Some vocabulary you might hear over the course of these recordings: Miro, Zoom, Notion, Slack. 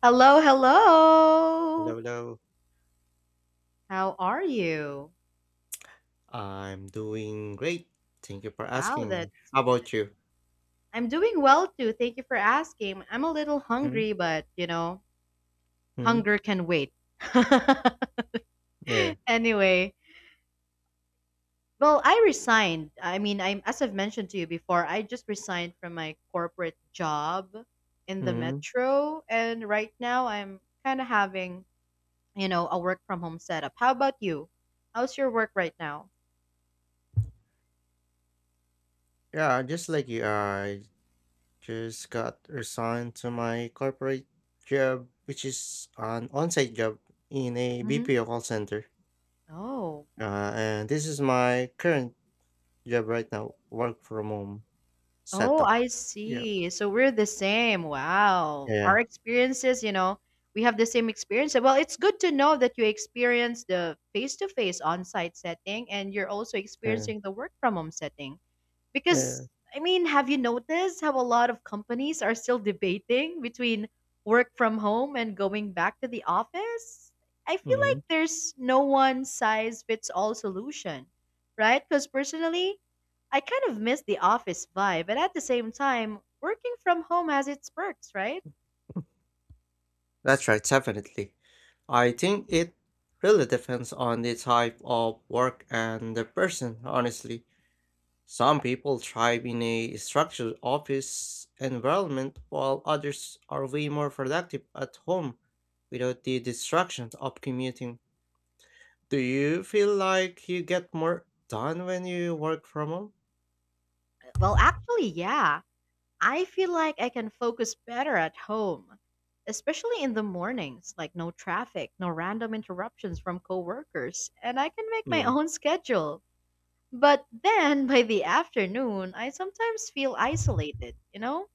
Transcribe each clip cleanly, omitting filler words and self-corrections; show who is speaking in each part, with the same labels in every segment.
Speaker 1: Hello, hello.
Speaker 2: Hello, hello.
Speaker 1: How are you?
Speaker 2: I'm doing great. Thank you for
Speaker 1: Wow,
Speaker 2: asking.
Speaker 1: that's
Speaker 2: How
Speaker 1: good.
Speaker 2: about you?
Speaker 1: I'm doing well too. Thank you for asking. I'm a little hungry, but you know,
Speaker 2: Mm-hmm.
Speaker 1: hunger can wait.
Speaker 2: Yeah.
Speaker 1: Anyway, well, I resigned. I mean, I'm as I've mentioned to you before, I just resigned from my corporate job in the
Speaker 2: Hmm.
Speaker 1: metro, and right now I'm kind of having, you know, a work from home setup. How about you? How's your work right now?
Speaker 2: Yeah, just like you, I just got resigned to my corporate job, which is an on-site job in a
Speaker 1: Hmm.
Speaker 2: BPO call center.
Speaker 1: Oh.
Speaker 2: And this is my current job right now, work from home
Speaker 1: Oh,
Speaker 2: setup.
Speaker 1: I
Speaker 2: Yeah.
Speaker 1: see. So we're the same. Wow.
Speaker 2: Yeah.
Speaker 1: Our experiences, you know, we have the same experience. Well, it's good to know that you experience the face to face on site setting and you're also
Speaker 2: Yeah.
Speaker 1: experiencing the work from home setting. Because, I mean, have you noticed how a lot of companies are still debating between work from home and going back to the office? I feel like
Speaker 2: Yeah.
Speaker 1: there's no one size fits all solution, right? Because personally, I kind of miss the office vibe, but at the same time, working from home has its perks, right?
Speaker 2: That's right, definitely. I think it really depends on the type of work and the person, honestly. Some people thrive in a structured office environment, while others are way more productive at home without the distractions of commuting. Do you feel like you get more done when you work from home?
Speaker 1: Well, actually, yeah. I feel like I can focus better at home, especially in the mornings, like no traffic, no random interruptions from coworkers, and I can make my
Speaker 2: Mm.
Speaker 1: own schedule. But then by the afternoon, I sometimes feel isolated, you know?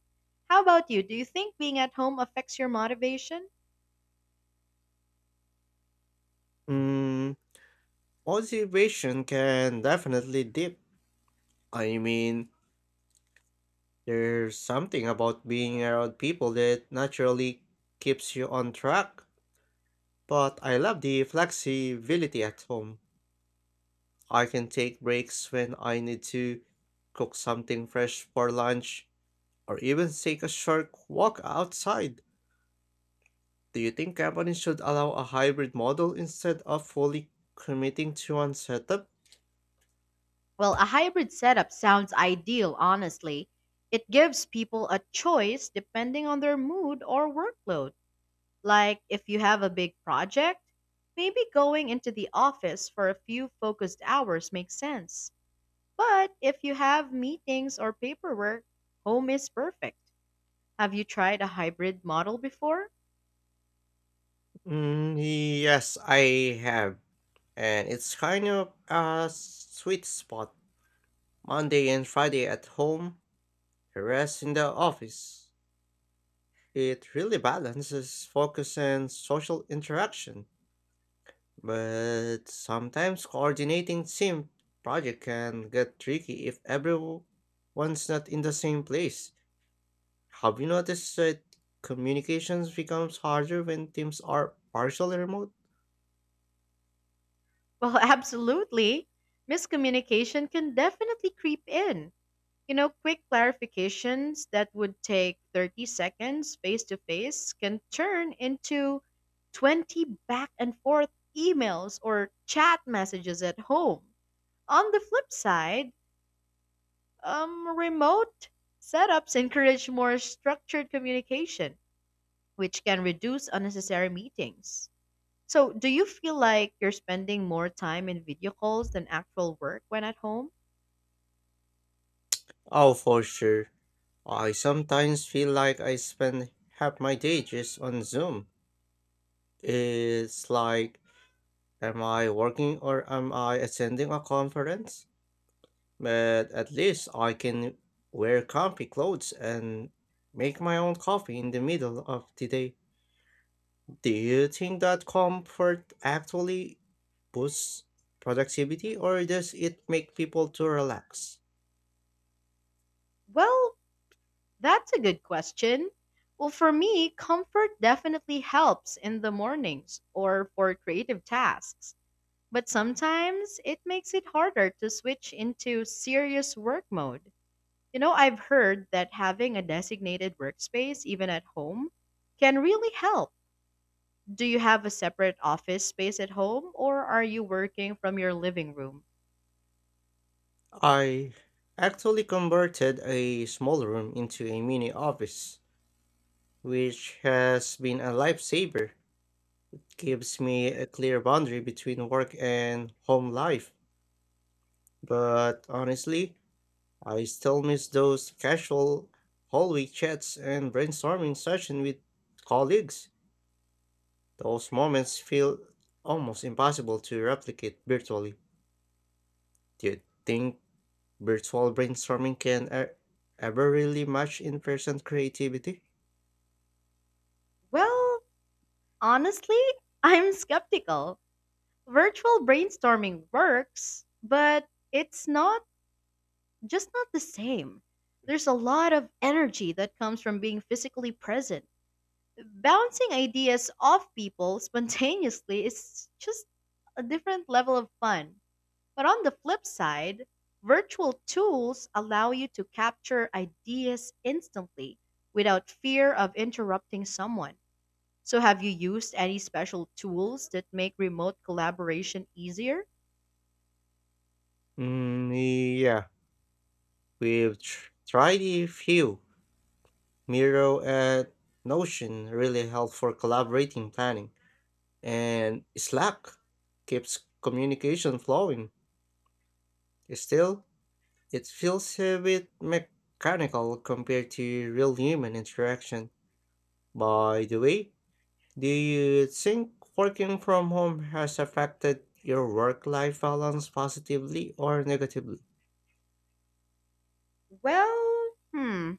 Speaker 1: How about you? Do you think being at home affects your motivation?
Speaker 2: Mm, Motivation can definitely dip. I mean, there's something about being around people that naturally keeps you on track. But I love the flexibility at home. I can take breaks when I need to, cook something fresh for lunch, or even take a short walk outside. Do you think companies should allow a hybrid model instead of fully committing to one setup?
Speaker 1: Well, a hybrid setup sounds ideal, honestly. It gives people a choice depending on their mood or workload. Like if you have a big project, maybe going into the office for a few focused hours makes sense. But if you have meetings or paperwork, home is perfect. Have you tried a hybrid model before?
Speaker 2: Yes, I have. And it's kind of a sweet spot. Monday and Friday at home. The rest in the office. It really balances focus and social interaction, but sometimes coordinating team project can get tricky if everyone's not in the same place. Have you noticed that communications becomes harder when teams are partially remote?
Speaker 1: Well, absolutely. Miscommunication can definitely creep in. You know, quick clarifications that would take 30 seconds face to face can turn into 20 back and forth emails or chat messages at home. On the flip side, remote setups encourage more structured communication, which can reduce unnecessary meetings. So, do you feel like you're spending more time in video calls than actual work when at home?
Speaker 2: Oh, for sure. I sometimes feel like I spend half my day just on Zoom. It's like, am I working or am I attending a conference? But at least I can wear comfy clothes and make my own coffee in the middle of the day. Do you think that comfort actually boosts productivity or does it make people to relax?
Speaker 1: Well, that's a good question. Well, for me, comfort definitely helps in the mornings or for creative tasks, but sometimes it makes it harder to switch into serious work mode. You know, I've heard that having a designated workspace, even at home, can really help. Do you have a separate office space at home or are you working from your living room?
Speaker 2: I actually converted a small room into a mini office, which has been a lifesaver. Gives me a clear boundary between work and home life. But honestly, I still miss those casual hallway chats and brainstorming session with colleagues. Those moments feel almost impossible to replicate virtually. Do you think virtual brainstorming can ever really match in person creativity?
Speaker 1: Well, honestly, I'm skeptical. Virtual brainstorming works, but it's not just not the same. There's a lot of energy that comes from being physically present. Bouncing ideas off people spontaneously is just a different level of fun. But on the flip side, virtual tools allow you to capture ideas instantly without fear of interrupting someone. So, have you used any special tools that make remote collaboration easier?
Speaker 2: Yeah, we've tried a few. Miro at Notion really help for collaborating planning, and Slack keeps communication flowing. Still, it feels a bit mechanical compared to real human interaction. By the way, do you think working from home has affected your work life balance positively or negatively?
Speaker 1: Well, hmm,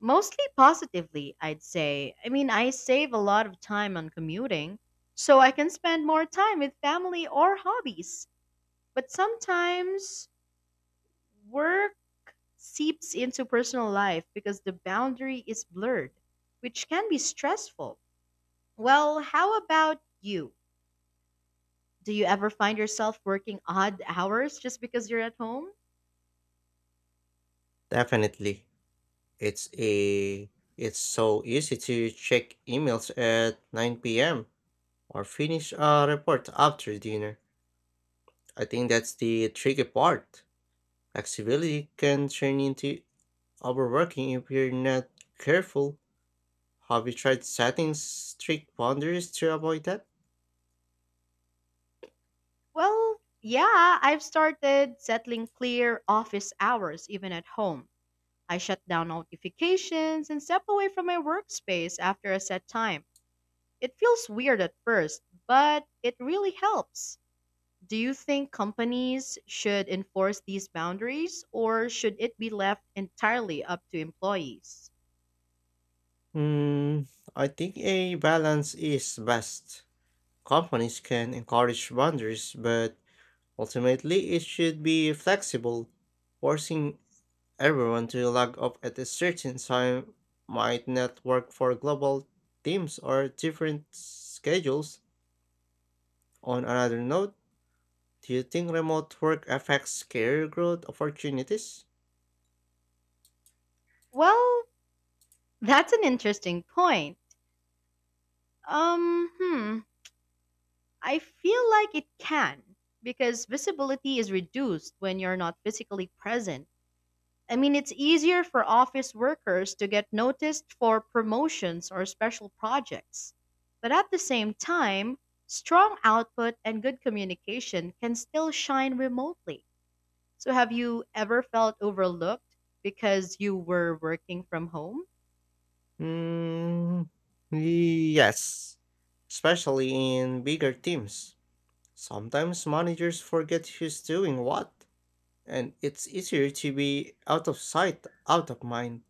Speaker 1: mostly positively, I'd say. I mean, I save a lot of time on commuting, so I can spend more time with family or hobbies. But sometimes work seeps into personal life because the boundary is blurred, which can be stressful. Well, how about you? Do you ever find yourself working odd hours just because you're at home?
Speaker 2: Definitely. It's a it's so easy to check emails at 9 p.m or finish a report after dinner. I think that's the tricky part. Flexibility can turn into overworking if you're not careful. Have you tried setting strict boundaries to avoid that?
Speaker 1: Well, yeah, I've started settling clear office hours even at home. I shut down notifications and step away from my workspace after a set time. It feels weird at first, but it really helps. Do you think companies should enforce these boundaries or should it be left entirely up to employees?
Speaker 2: Hmm, I think a balance is best. Companies can encourage boundaries, but ultimately it should be flexible. Forcing everyone to log off at a certain time might not work for global teams or different schedules. On another note, do you think remote work affects career growth opportunities?
Speaker 1: Well, that's an interesting point. Um, hmm, I feel like it can because visibility is reduced when you're not physically present. I mean, it's easier for office workers to get noticed for promotions or special projects. But at the same time, strong output and good communication can still shine remotely. So, have you ever felt overlooked because you were working from home?
Speaker 2: Mm, yes, especially in bigger teams. Sometimes managers forget who's doing what, and it's easier to be out of sight, out of mind.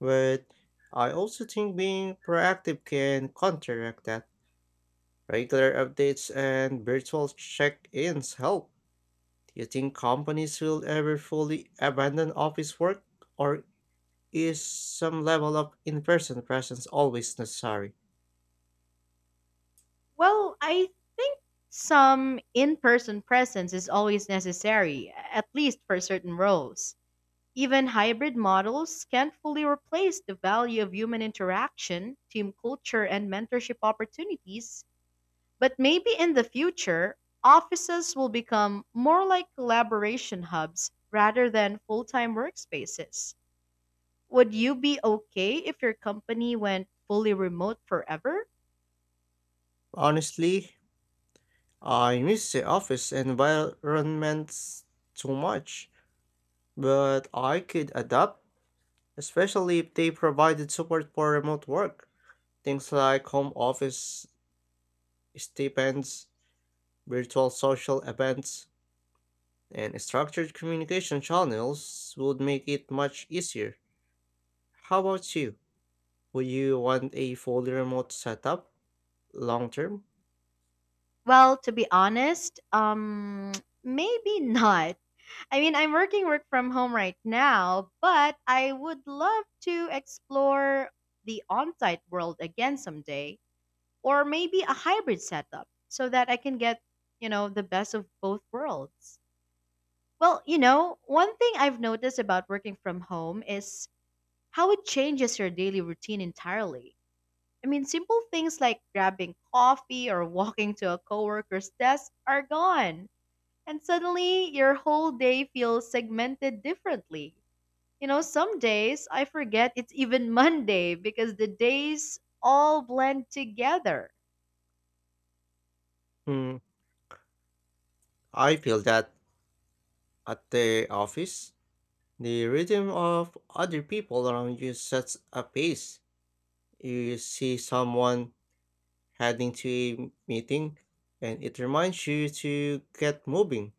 Speaker 2: But I also think being proactive can counteract that. Regular updates and virtual check ins help. Do you think companies will ever fully abandon office work, or is some level of in person presence always necessary?
Speaker 1: Well, I think some in person presence is always necessary, at least for certain roles. Even hybrid models can't fully replace the value of human interaction, team culture, and mentorship opportunities, but maybe in the future, offices will become more like collaboration hubs rather than full time workspaces. Would you be okay if your company went fully remote forever?
Speaker 2: Honestly, I miss the office environments too much, but I could adapt, especially if they provided support for remote work. Things like home office stipends, virtual social events, and structured communication channels would make it much easier. How about you? Would you want a fully remote setup long term?
Speaker 1: Well, to be honest, maybe not. I mean, I'm work from home right now, but I would love to explore the on site world again someday, or maybe a hybrid setup so that I can get, you know, the best of both worlds. Well, you know, one thing I've noticed about working from home is how it changes your daily routine entirely. I mean, simple things like grabbing coffee or walking to a coworker's desk are gone. And suddenly, your whole day feels segmented differently. You know, some days I forget it's even Monday because the days all blend together.
Speaker 2: Hmm, I feel that at the office, the rhythm of other people around you sets a pace. You see someone heading to a meeting, and it reminds you to get moving.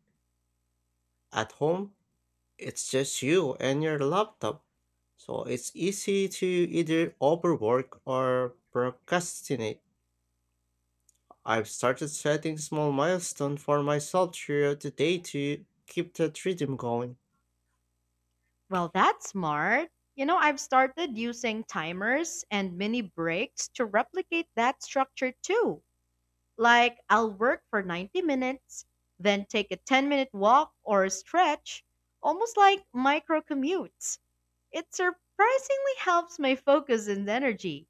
Speaker 2: At home, it's just you and your laptop, so it's easy to either overwork or procrastinate. I've started setting small milestones for myself throughout the day to keep that rhythm going.
Speaker 1: Well, that's smart. You know, I've started using timers and mini breaks to replicate that structure too. Like, I'll work for 90 minutes, then take a 10-minute walk or a stretch, almost like micro commutes. It surprisingly helps my focus and energy.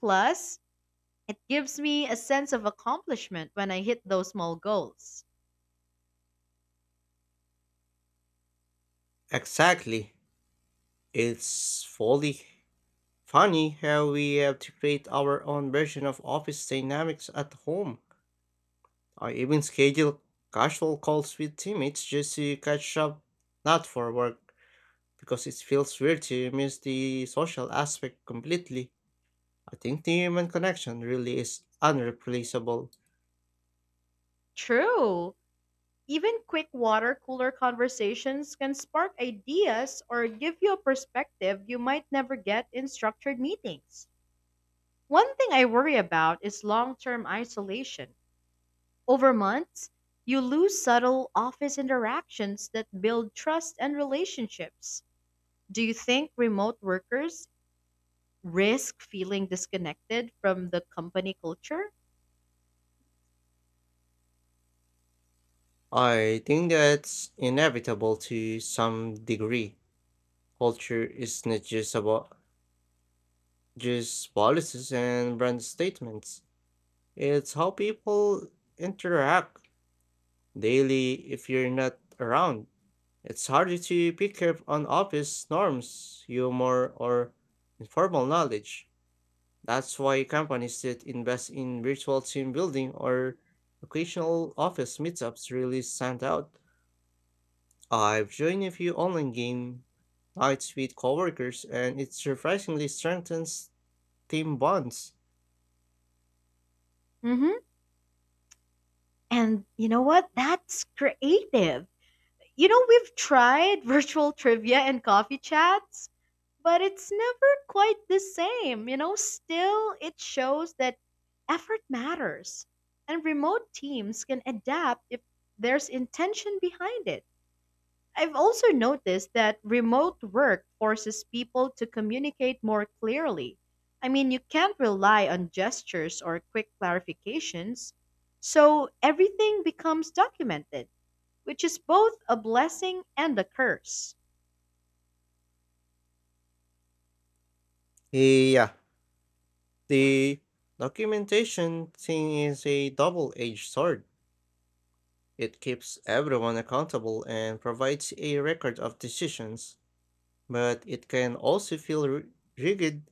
Speaker 1: Plus, it gives me a sense of accomplishment when I hit those small goals.
Speaker 2: Exactly. It's fully funny how we have to create our own version of office dynamics at home. I even schedule casual calls with teammates just to catch up, not for work, because it feels weird to miss the social aspect completely. I think the human connection really is unreplaceable.
Speaker 1: True. Even quick water cooler conversations can spark ideas or give you a perspective you might never get in structured meetings. One thing I worry about is long term isolation. Over months, you lose subtle office interactions that build trust and relationships. Do you think remote workers risk feeling disconnected from the company culture?
Speaker 2: I think that's inevitable to some degree. Culture is not just about just policies and brand statements. It's how people interact daily if you're not around. It's harder to pick up on office norms, humor, or informal knowledge. That's why companies that invest in virtual team building or occasional office meetups really stand out. I've joined a few online game nights with coworkers, and it surprisingly strengthens team bonds.
Speaker 1: Hmm. And you know what? That's creative. You know, we've tried virtual trivia and coffee chats, but it's never quite the same. You know, still, it shows that effort matters. And remote teams can adapt if there's intention behind it. I've also noticed that remote work forces people to communicate more clearly. I mean, you can't rely on gestures or quick clarifications, so everything becomes documented, which is both a blessing and a curse.
Speaker 2: Yeah, the documentation thing is a double edged sword. It keeps everyone accountable and provides a record of decisions, but it can also feel rigid.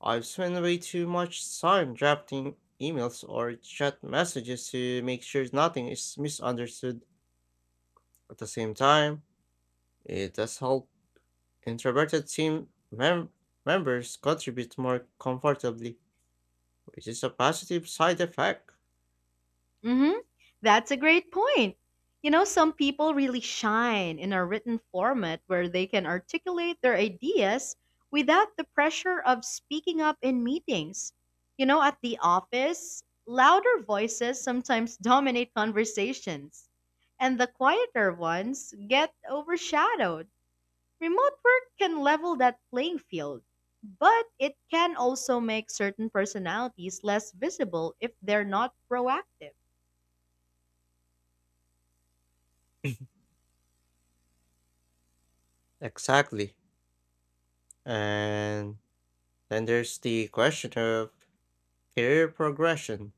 Speaker 2: I've spent way too much time drafting emails or chat messages to make sure nothing is misunderstood. At the same time, it does help introverted team members contribute more comfortably, which is a positive side effect.
Speaker 1: Hmm. That's a great point. You know, some people really shine in a written format where they can articulate their ideas without the pressure of speaking up in meetings. You know, at the office, louder voices sometimes dominate conversations, and the quieter ones get overshadowed. Remote work can level that playing field, but it can also make certain personalities less visible if they're not proactive.
Speaker 2: Exactly. And then there's the question of career progression.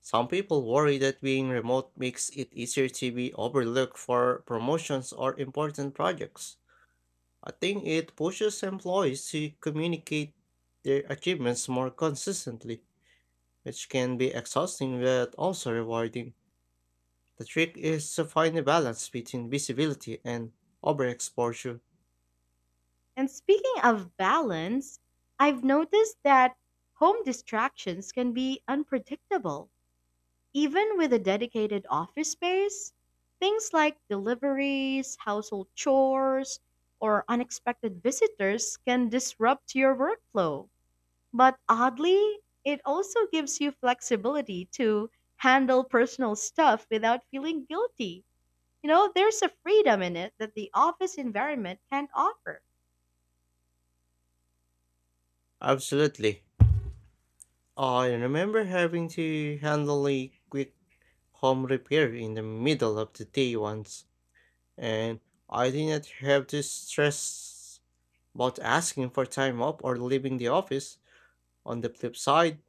Speaker 2: Some people worry that being remote makes it easier to be overlooked for promotions or important projects. I think it pushes employees to communicate their achievements more consistently, which can be exhausting but also rewarding. The trick is to find a balance between visibility and overexposure.
Speaker 1: And speaking of balance, I've noticed that home distractions can be unpredictable. Even with a dedicated office space, things like deliveries, household chores, or unexpected visitors can disrupt your workflow. But oddly, it also gives you flexibility to handle personal stuff without feeling guilty. You know, there's a freedom in it that the office environment can't offer.
Speaker 2: Absolutely. I remember having to handle a quick home repair in the middle of the day once, and I didn't have to stress about asking for time off or leaving the office. On the flip side,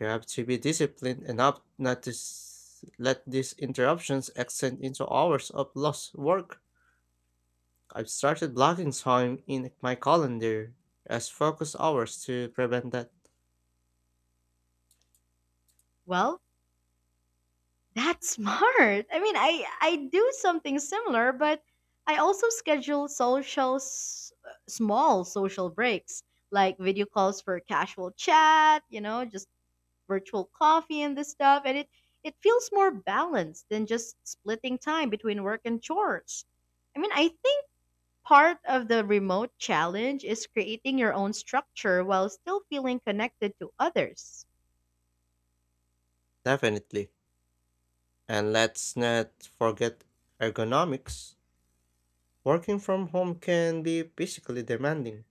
Speaker 2: you have to be disciplined enough not to let these interruptions extend into hours of lost work. I've started blocking time in my calendar as focus hours to prevent that.
Speaker 1: Well, that's smart. I mean, I do something similar, but I also schedule small social breaks, like video calls for casual chat, you know, just virtual coffee and this stuff, and it feels more balanced than just splitting time between work and chores. I mean, I think part of the remote challenge is creating your own structure while still feeling connected to others.
Speaker 2: Definitely. And let's not forget ergonomics. Working from home can be physically demanding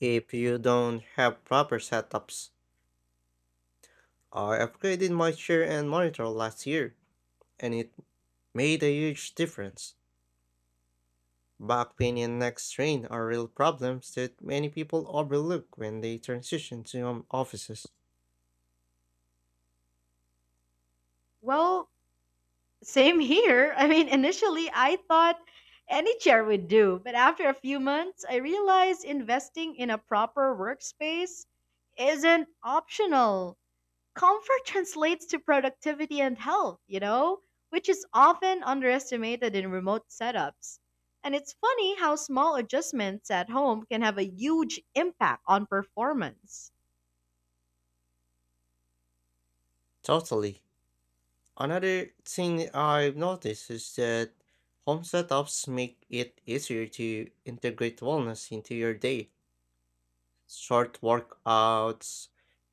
Speaker 2: if you don't have proper setups. I upgraded my chair and monitor last year, and it made a huge difference. Back pain and neck strain are real problems that many people overlook when they transition to home offices.
Speaker 1: Well, same here. I mean, initially I thought any chair would do, but after a few months, I realized investing in a proper workspace isn't optional. Comfort translates to productivity and health, you know, which is often underestimated in remote setups. And it's funny how small adjustments at home can have a huge impact on performance.
Speaker 2: Totally. Another thing I've noticed is that home setups make it easier to integrate wellness into your day. Short workouts,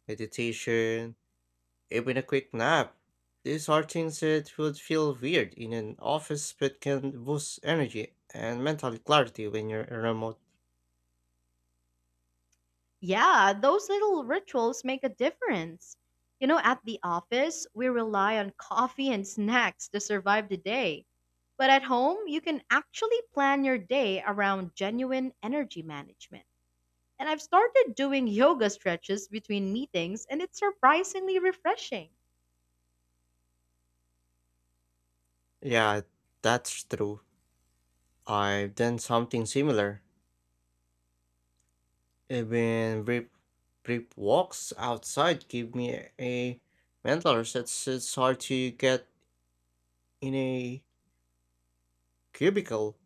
Speaker 2: meditation, even a quick nap. These are things that would feel weird in an office but can boost energy and mental clarity when you're remote.
Speaker 1: Yeah, those little rituals make a difference. You know, at the office, we rely on coffee and snacks to survive the day. But at home, you can actually plan your day around genuine energy management. And I've started doing yoga stretches between meetings, and it's surprisingly refreshing.
Speaker 2: Yeah, that's true. I've done something similar. Even brief walks outside give me a mental reset. So it's hard to get in a cubicle,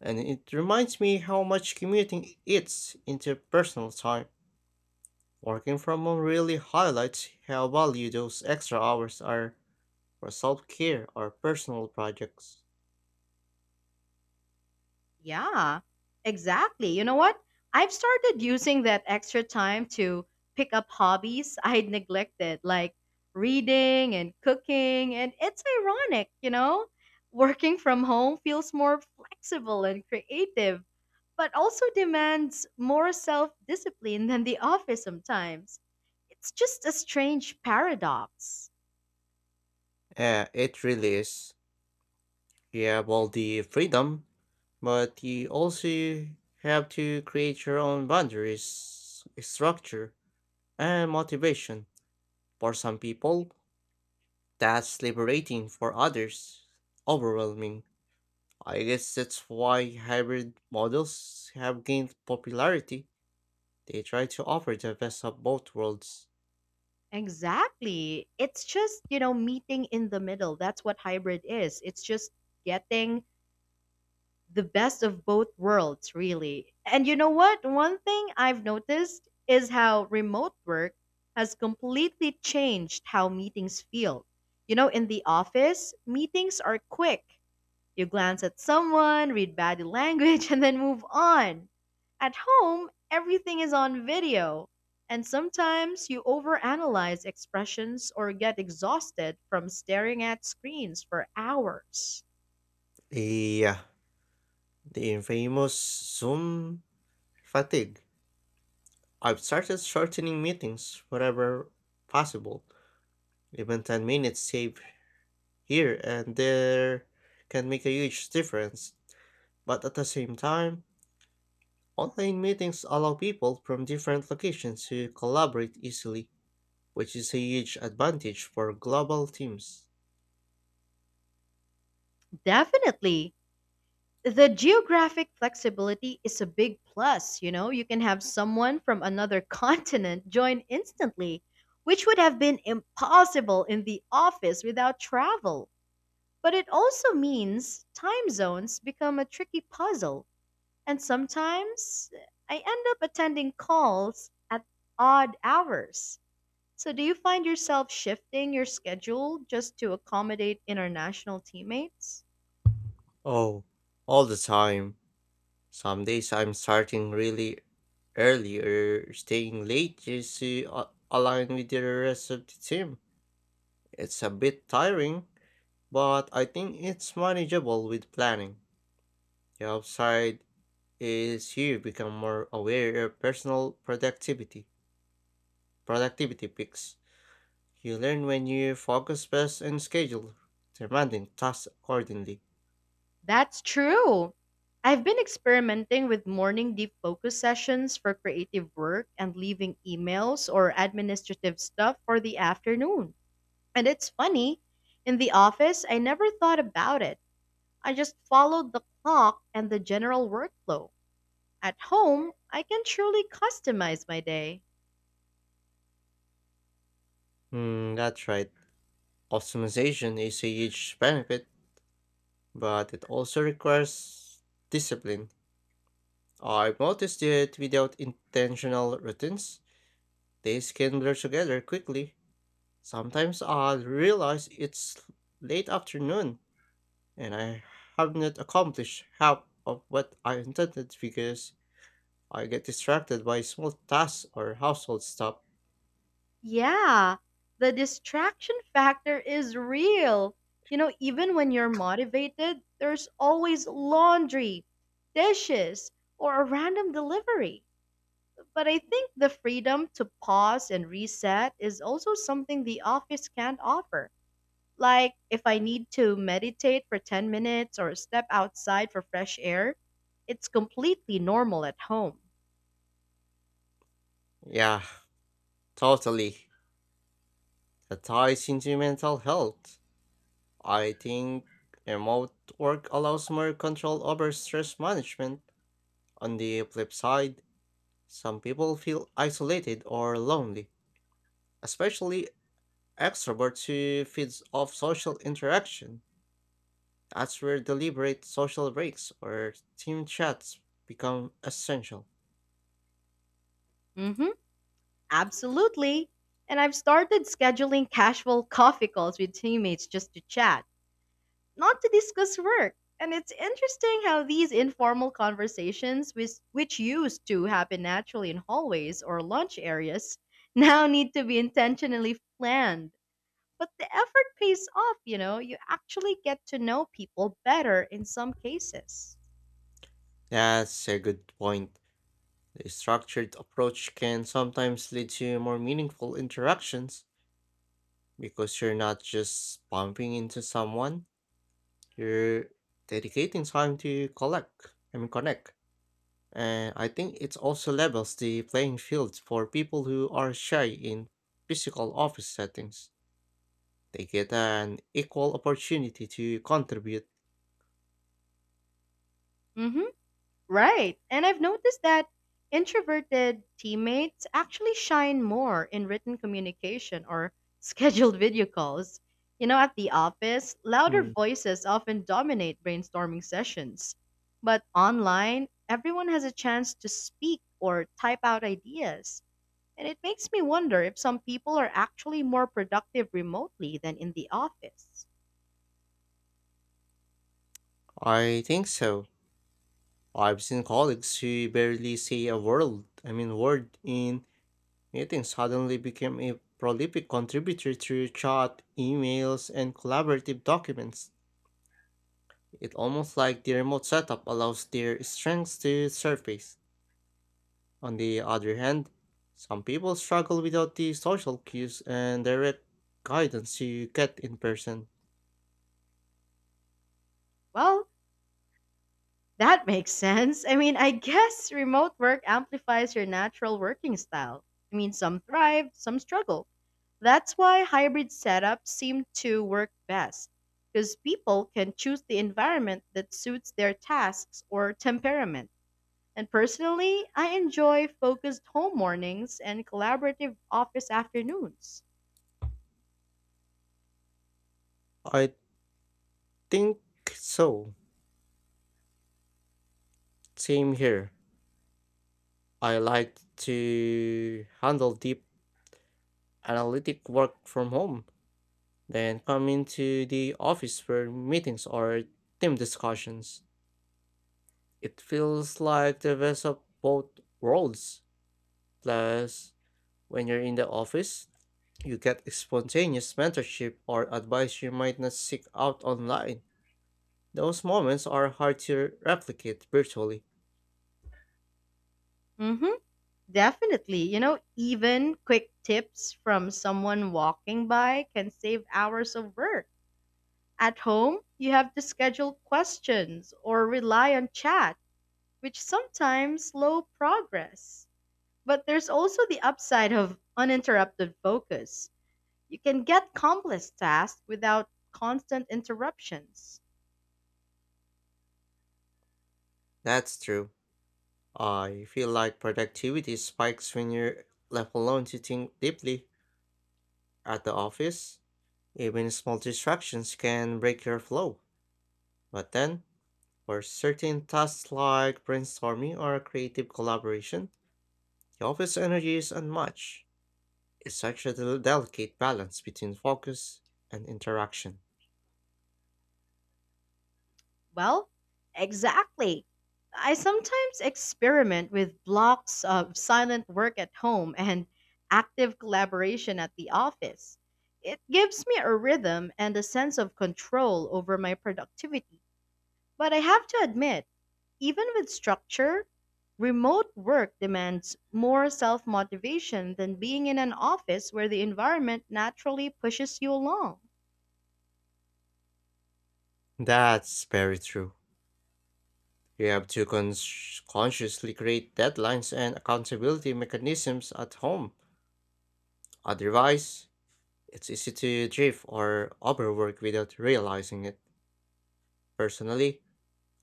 Speaker 2: and it reminds me how much commuting eats into personal time. Working from home really highlights how valuable those extra hours are for self care or personal projects.
Speaker 1: Yeah, exactly. You know what? I've started using that extra time to pick up hobbies I'd neglected, like reading and cooking. And it's ironic, you know? Working from home feels more flexible and creative, but also demands more self discipline than the office sometimes. It's just a strange paradox.
Speaker 2: Yeah, it really is. You have all the freedom, but you also have to create your own boundaries, structure, and motivation. For some people, that's liberating, for others, overwhelming. I guess that's why hybrid models have gained popularity. They try to offer the best of both worlds.
Speaker 1: Exactly. It's just, you know, meeting in the middle. That's what hybrid is. It's just getting the best of both worlds, really. And you know what? One thing I've noticed is how remote work has completely changed how meetings feel. You know, in the office, meetings are quick. You glance at someone, read body language, and then move on. At home, everything is on video. And sometimes you overanalyze expressions or get exhausted from staring at screens for hours.
Speaker 2: The, uh, the infamous Zoom fatigue. I've started shortening meetings wherever possible. Even 10 minutes saved here and there can make a huge difference. But at the same time, online meetings allow people from different locations to collaborate easily, which is a huge advantage for global teams.
Speaker 1: Definitely. The geographic flexibility is a big plus. You know, you can have someone from another continent join instantly, which would have been impossible in the office without travel. But it also means time zones become a tricky puzzle, and sometimes I end up attending calls at odd hours. So, do you find yourself shifting your schedule just to accommodate international teammates?
Speaker 2: Oh, all the time. Some days I'm starting really early or staying late just to align with the rest of the team. It's a bit tiring, but I think it's manageable with planning. The upside is you become more aware of personal productivity peaks. You learn when you focus best and schedule demanding tasks accordingly.
Speaker 1: That's true. I've been experimenting with morning deep focus sessions for creative work and leaving emails or administrative stuff for the afternoon. And it's funny, in the office, I never thought about it. I just followed the clock and the general workflow. At home, I can truly customize my day.
Speaker 2: That's right. Optimization is a huge benefit, but it also requires discipline. I've noticed that without intentional routines, days can blur together quickly. Sometimes I realize it's late afternoon and I have not accomplished half of what I intended because I get distracted by small tasks or household stuff.
Speaker 1: Yeah, the distraction factor is real. Even when you're motivated, there's always laundry, dishes, or a random delivery. But I think the freedom to pause and reset is also something the office can't offer. Like, if I need to meditate for 10 minutes or step outside for fresh air, it's completely normal at home.
Speaker 2: Yeah, totally. That ties into mental health. I think remote work allows more control over stress management. On the flip side, some people feel isolated or lonely, especially extroverts who feeds off social interaction. That's where deliberate social breaks or team chats become essential.
Speaker 1: Hmm. Absolutely. And I've started scheduling casual coffee calls with teammates just to chat, not to discuss work. And it's interesting how these informal conversations, which used to happen naturally in hallways or lunch areas, now need to be intentionally planned. But the effort pays off, you actually get to know people better in some cases.
Speaker 2: That's a good point. The structured approach can sometimes lead to more meaningful interactions because you're not just bumping into someone, you're dedicating time to collect, I mean, connect. And I think it also levels the playing field for people who are shy in physical office settings. They get an equal opportunity to contribute.
Speaker 1: Mm hmm. Right. And I've noticed that introverted teammates actually shine more in written communication or scheduled video calls. You know, at the office, louder
Speaker 2: Hmm.
Speaker 1: voices often dominate brainstorming sessions. But online, everyone has a chance to speak or type out ideas. And it makes me wonder if some people are actually more productive remotely than in the office.
Speaker 2: I think so. I've seen colleagues who barely say a word, I mean word in meetings suddenly became a prolific contributor through chat, emails, and collaborative documents. It's almost like the remote setup allows their strengths to surface. On the other hand, some people struggle without the social cues and direct guidance you get in person.
Speaker 1: Well, that makes sense. I mean, I guess remote work amplifies your natural working style. I mean, some thrive, some struggle. That's why hybrid setups seem to work best, because people can choose the environment that suits their tasks or temperament. And personally, I enjoy focused home mornings and collaborative office afternoons.
Speaker 2: I think so. Same here. I like to handle deep analytic work from home, then come into the office for meetings or team discussions. It feels like the best of both worlds. Plus, when you're in the office, you get spontaneous mentorship or advice you might not seek out online. Those moments are hard to replicate virtually.
Speaker 1: Mm-hmm, definitely. Even quick tips from someone walking by can save hours of work. At home, you have to schedule questions or rely on chat, which sometimes slow progress. But there's also the upside of uninterrupted focus. You can get complex tasks without constant interruptions.
Speaker 2: That's true. I feel like productivity spikes when you're left alone to think deeply. At the office, even small distractions can break your flow. But then, for certain tasks like brainstorming or creative collaboration, the office energy is unmatched. It's such a delicate balance between focus and interaction.
Speaker 1: Well, exactly. I sometimes experiment with blocks of silent work at home and active collaboration at the office. It gives me a rhythm and a sense of control over my productivity. But I have to admit, even with structure, remote work demands more self motivation than being in an office where the environment naturally pushes you along.
Speaker 2: That's very true. We have to consciously create deadlines and accountability mechanisms at home. Otherwise, it's easy to drift or overwork without realizing it. Personally,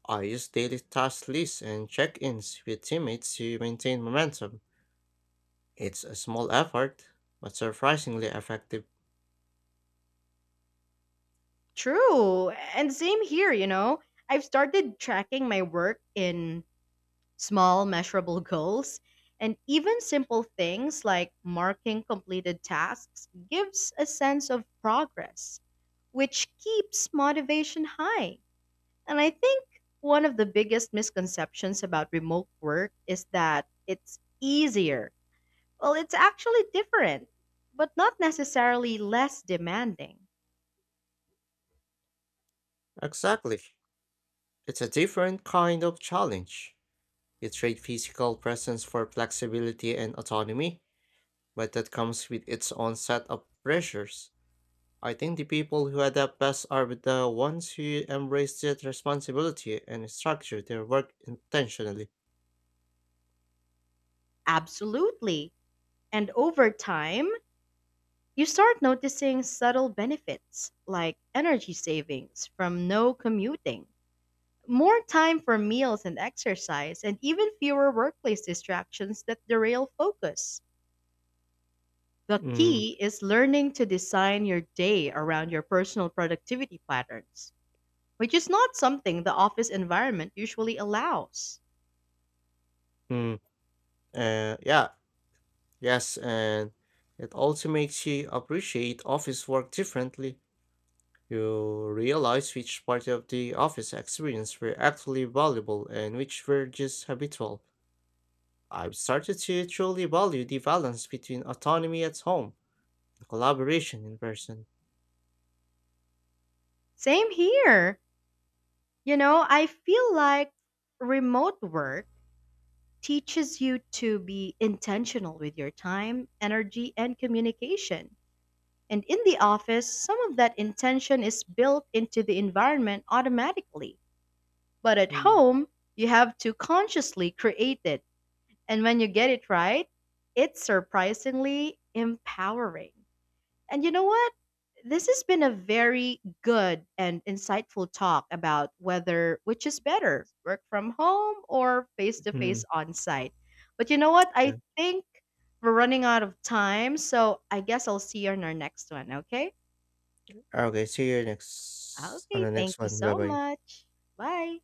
Speaker 2: I use daily task lists and check ins with teammates to maintain momentum. It's a small effort, but surprisingly effective.
Speaker 1: True. And same here. I've started tracking my work in small, measurable goals, and even simple things like marking completed tasks gives a sense of progress, which keeps motivation high. And I think one of the biggest misconceptions about remote work is that it's easier. Well, it's actually different, but not necessarily less demanding.
Speaker 2: Exactly. It's a different kind of challenge. You trade physical presence for flexibility and autonomy, but that comes with its own set of pressures. I think the people who adapt best are the ones who embrace that responsibility and structure their work intentionally.
Speaker 1: Absolutely. And over time, you start noticing subtle benefits like energy savings from no commuting, more time for meals and exercise, and even fewer workplace distractions that derail focus. The
Speaker 2: Mm-hmm.
Speaker 1: key is learning to design your day around your personal productivity patterns, which is not something the office environment usually allows.
Speaker 2: Yeah, yes, and it also makes you appreciate office work differently. You realize which part of the office experience were actually valuable and which were just habitual. I've started to truly value the balance between autonomy at home and collaboration in person.
Speaker 1: Same here. I feel like remote work teaches you to be intentional with your time, energy, and communication. And in the office, some of that intention is built into the environment automatically. But at
Speaker 2: Mm,
Speaker 1: home, you have to consciously create it. And when you get it right, it's surprisingly empowering. And you know what? This has been a very good and insightful talk about whether which is better, work from home or face to face
Speaker 2: mm,
Speaker 1: on site. But you know what?
Speaker 2: yeah.
Speaker 1: I think we're running out of time, so I guess I'll see you on our next one, okay?
Speaker 2: Ah, okay, see you next on
Speaker 1: Okay,
Speaker 2: the
Speaker 1: thank
Speaker 2: next
Speaker 1: you
Speaker 2: one.
Speaker 1: so
Speaker 2: Bye-bye.
Speaker 1: much. Bye.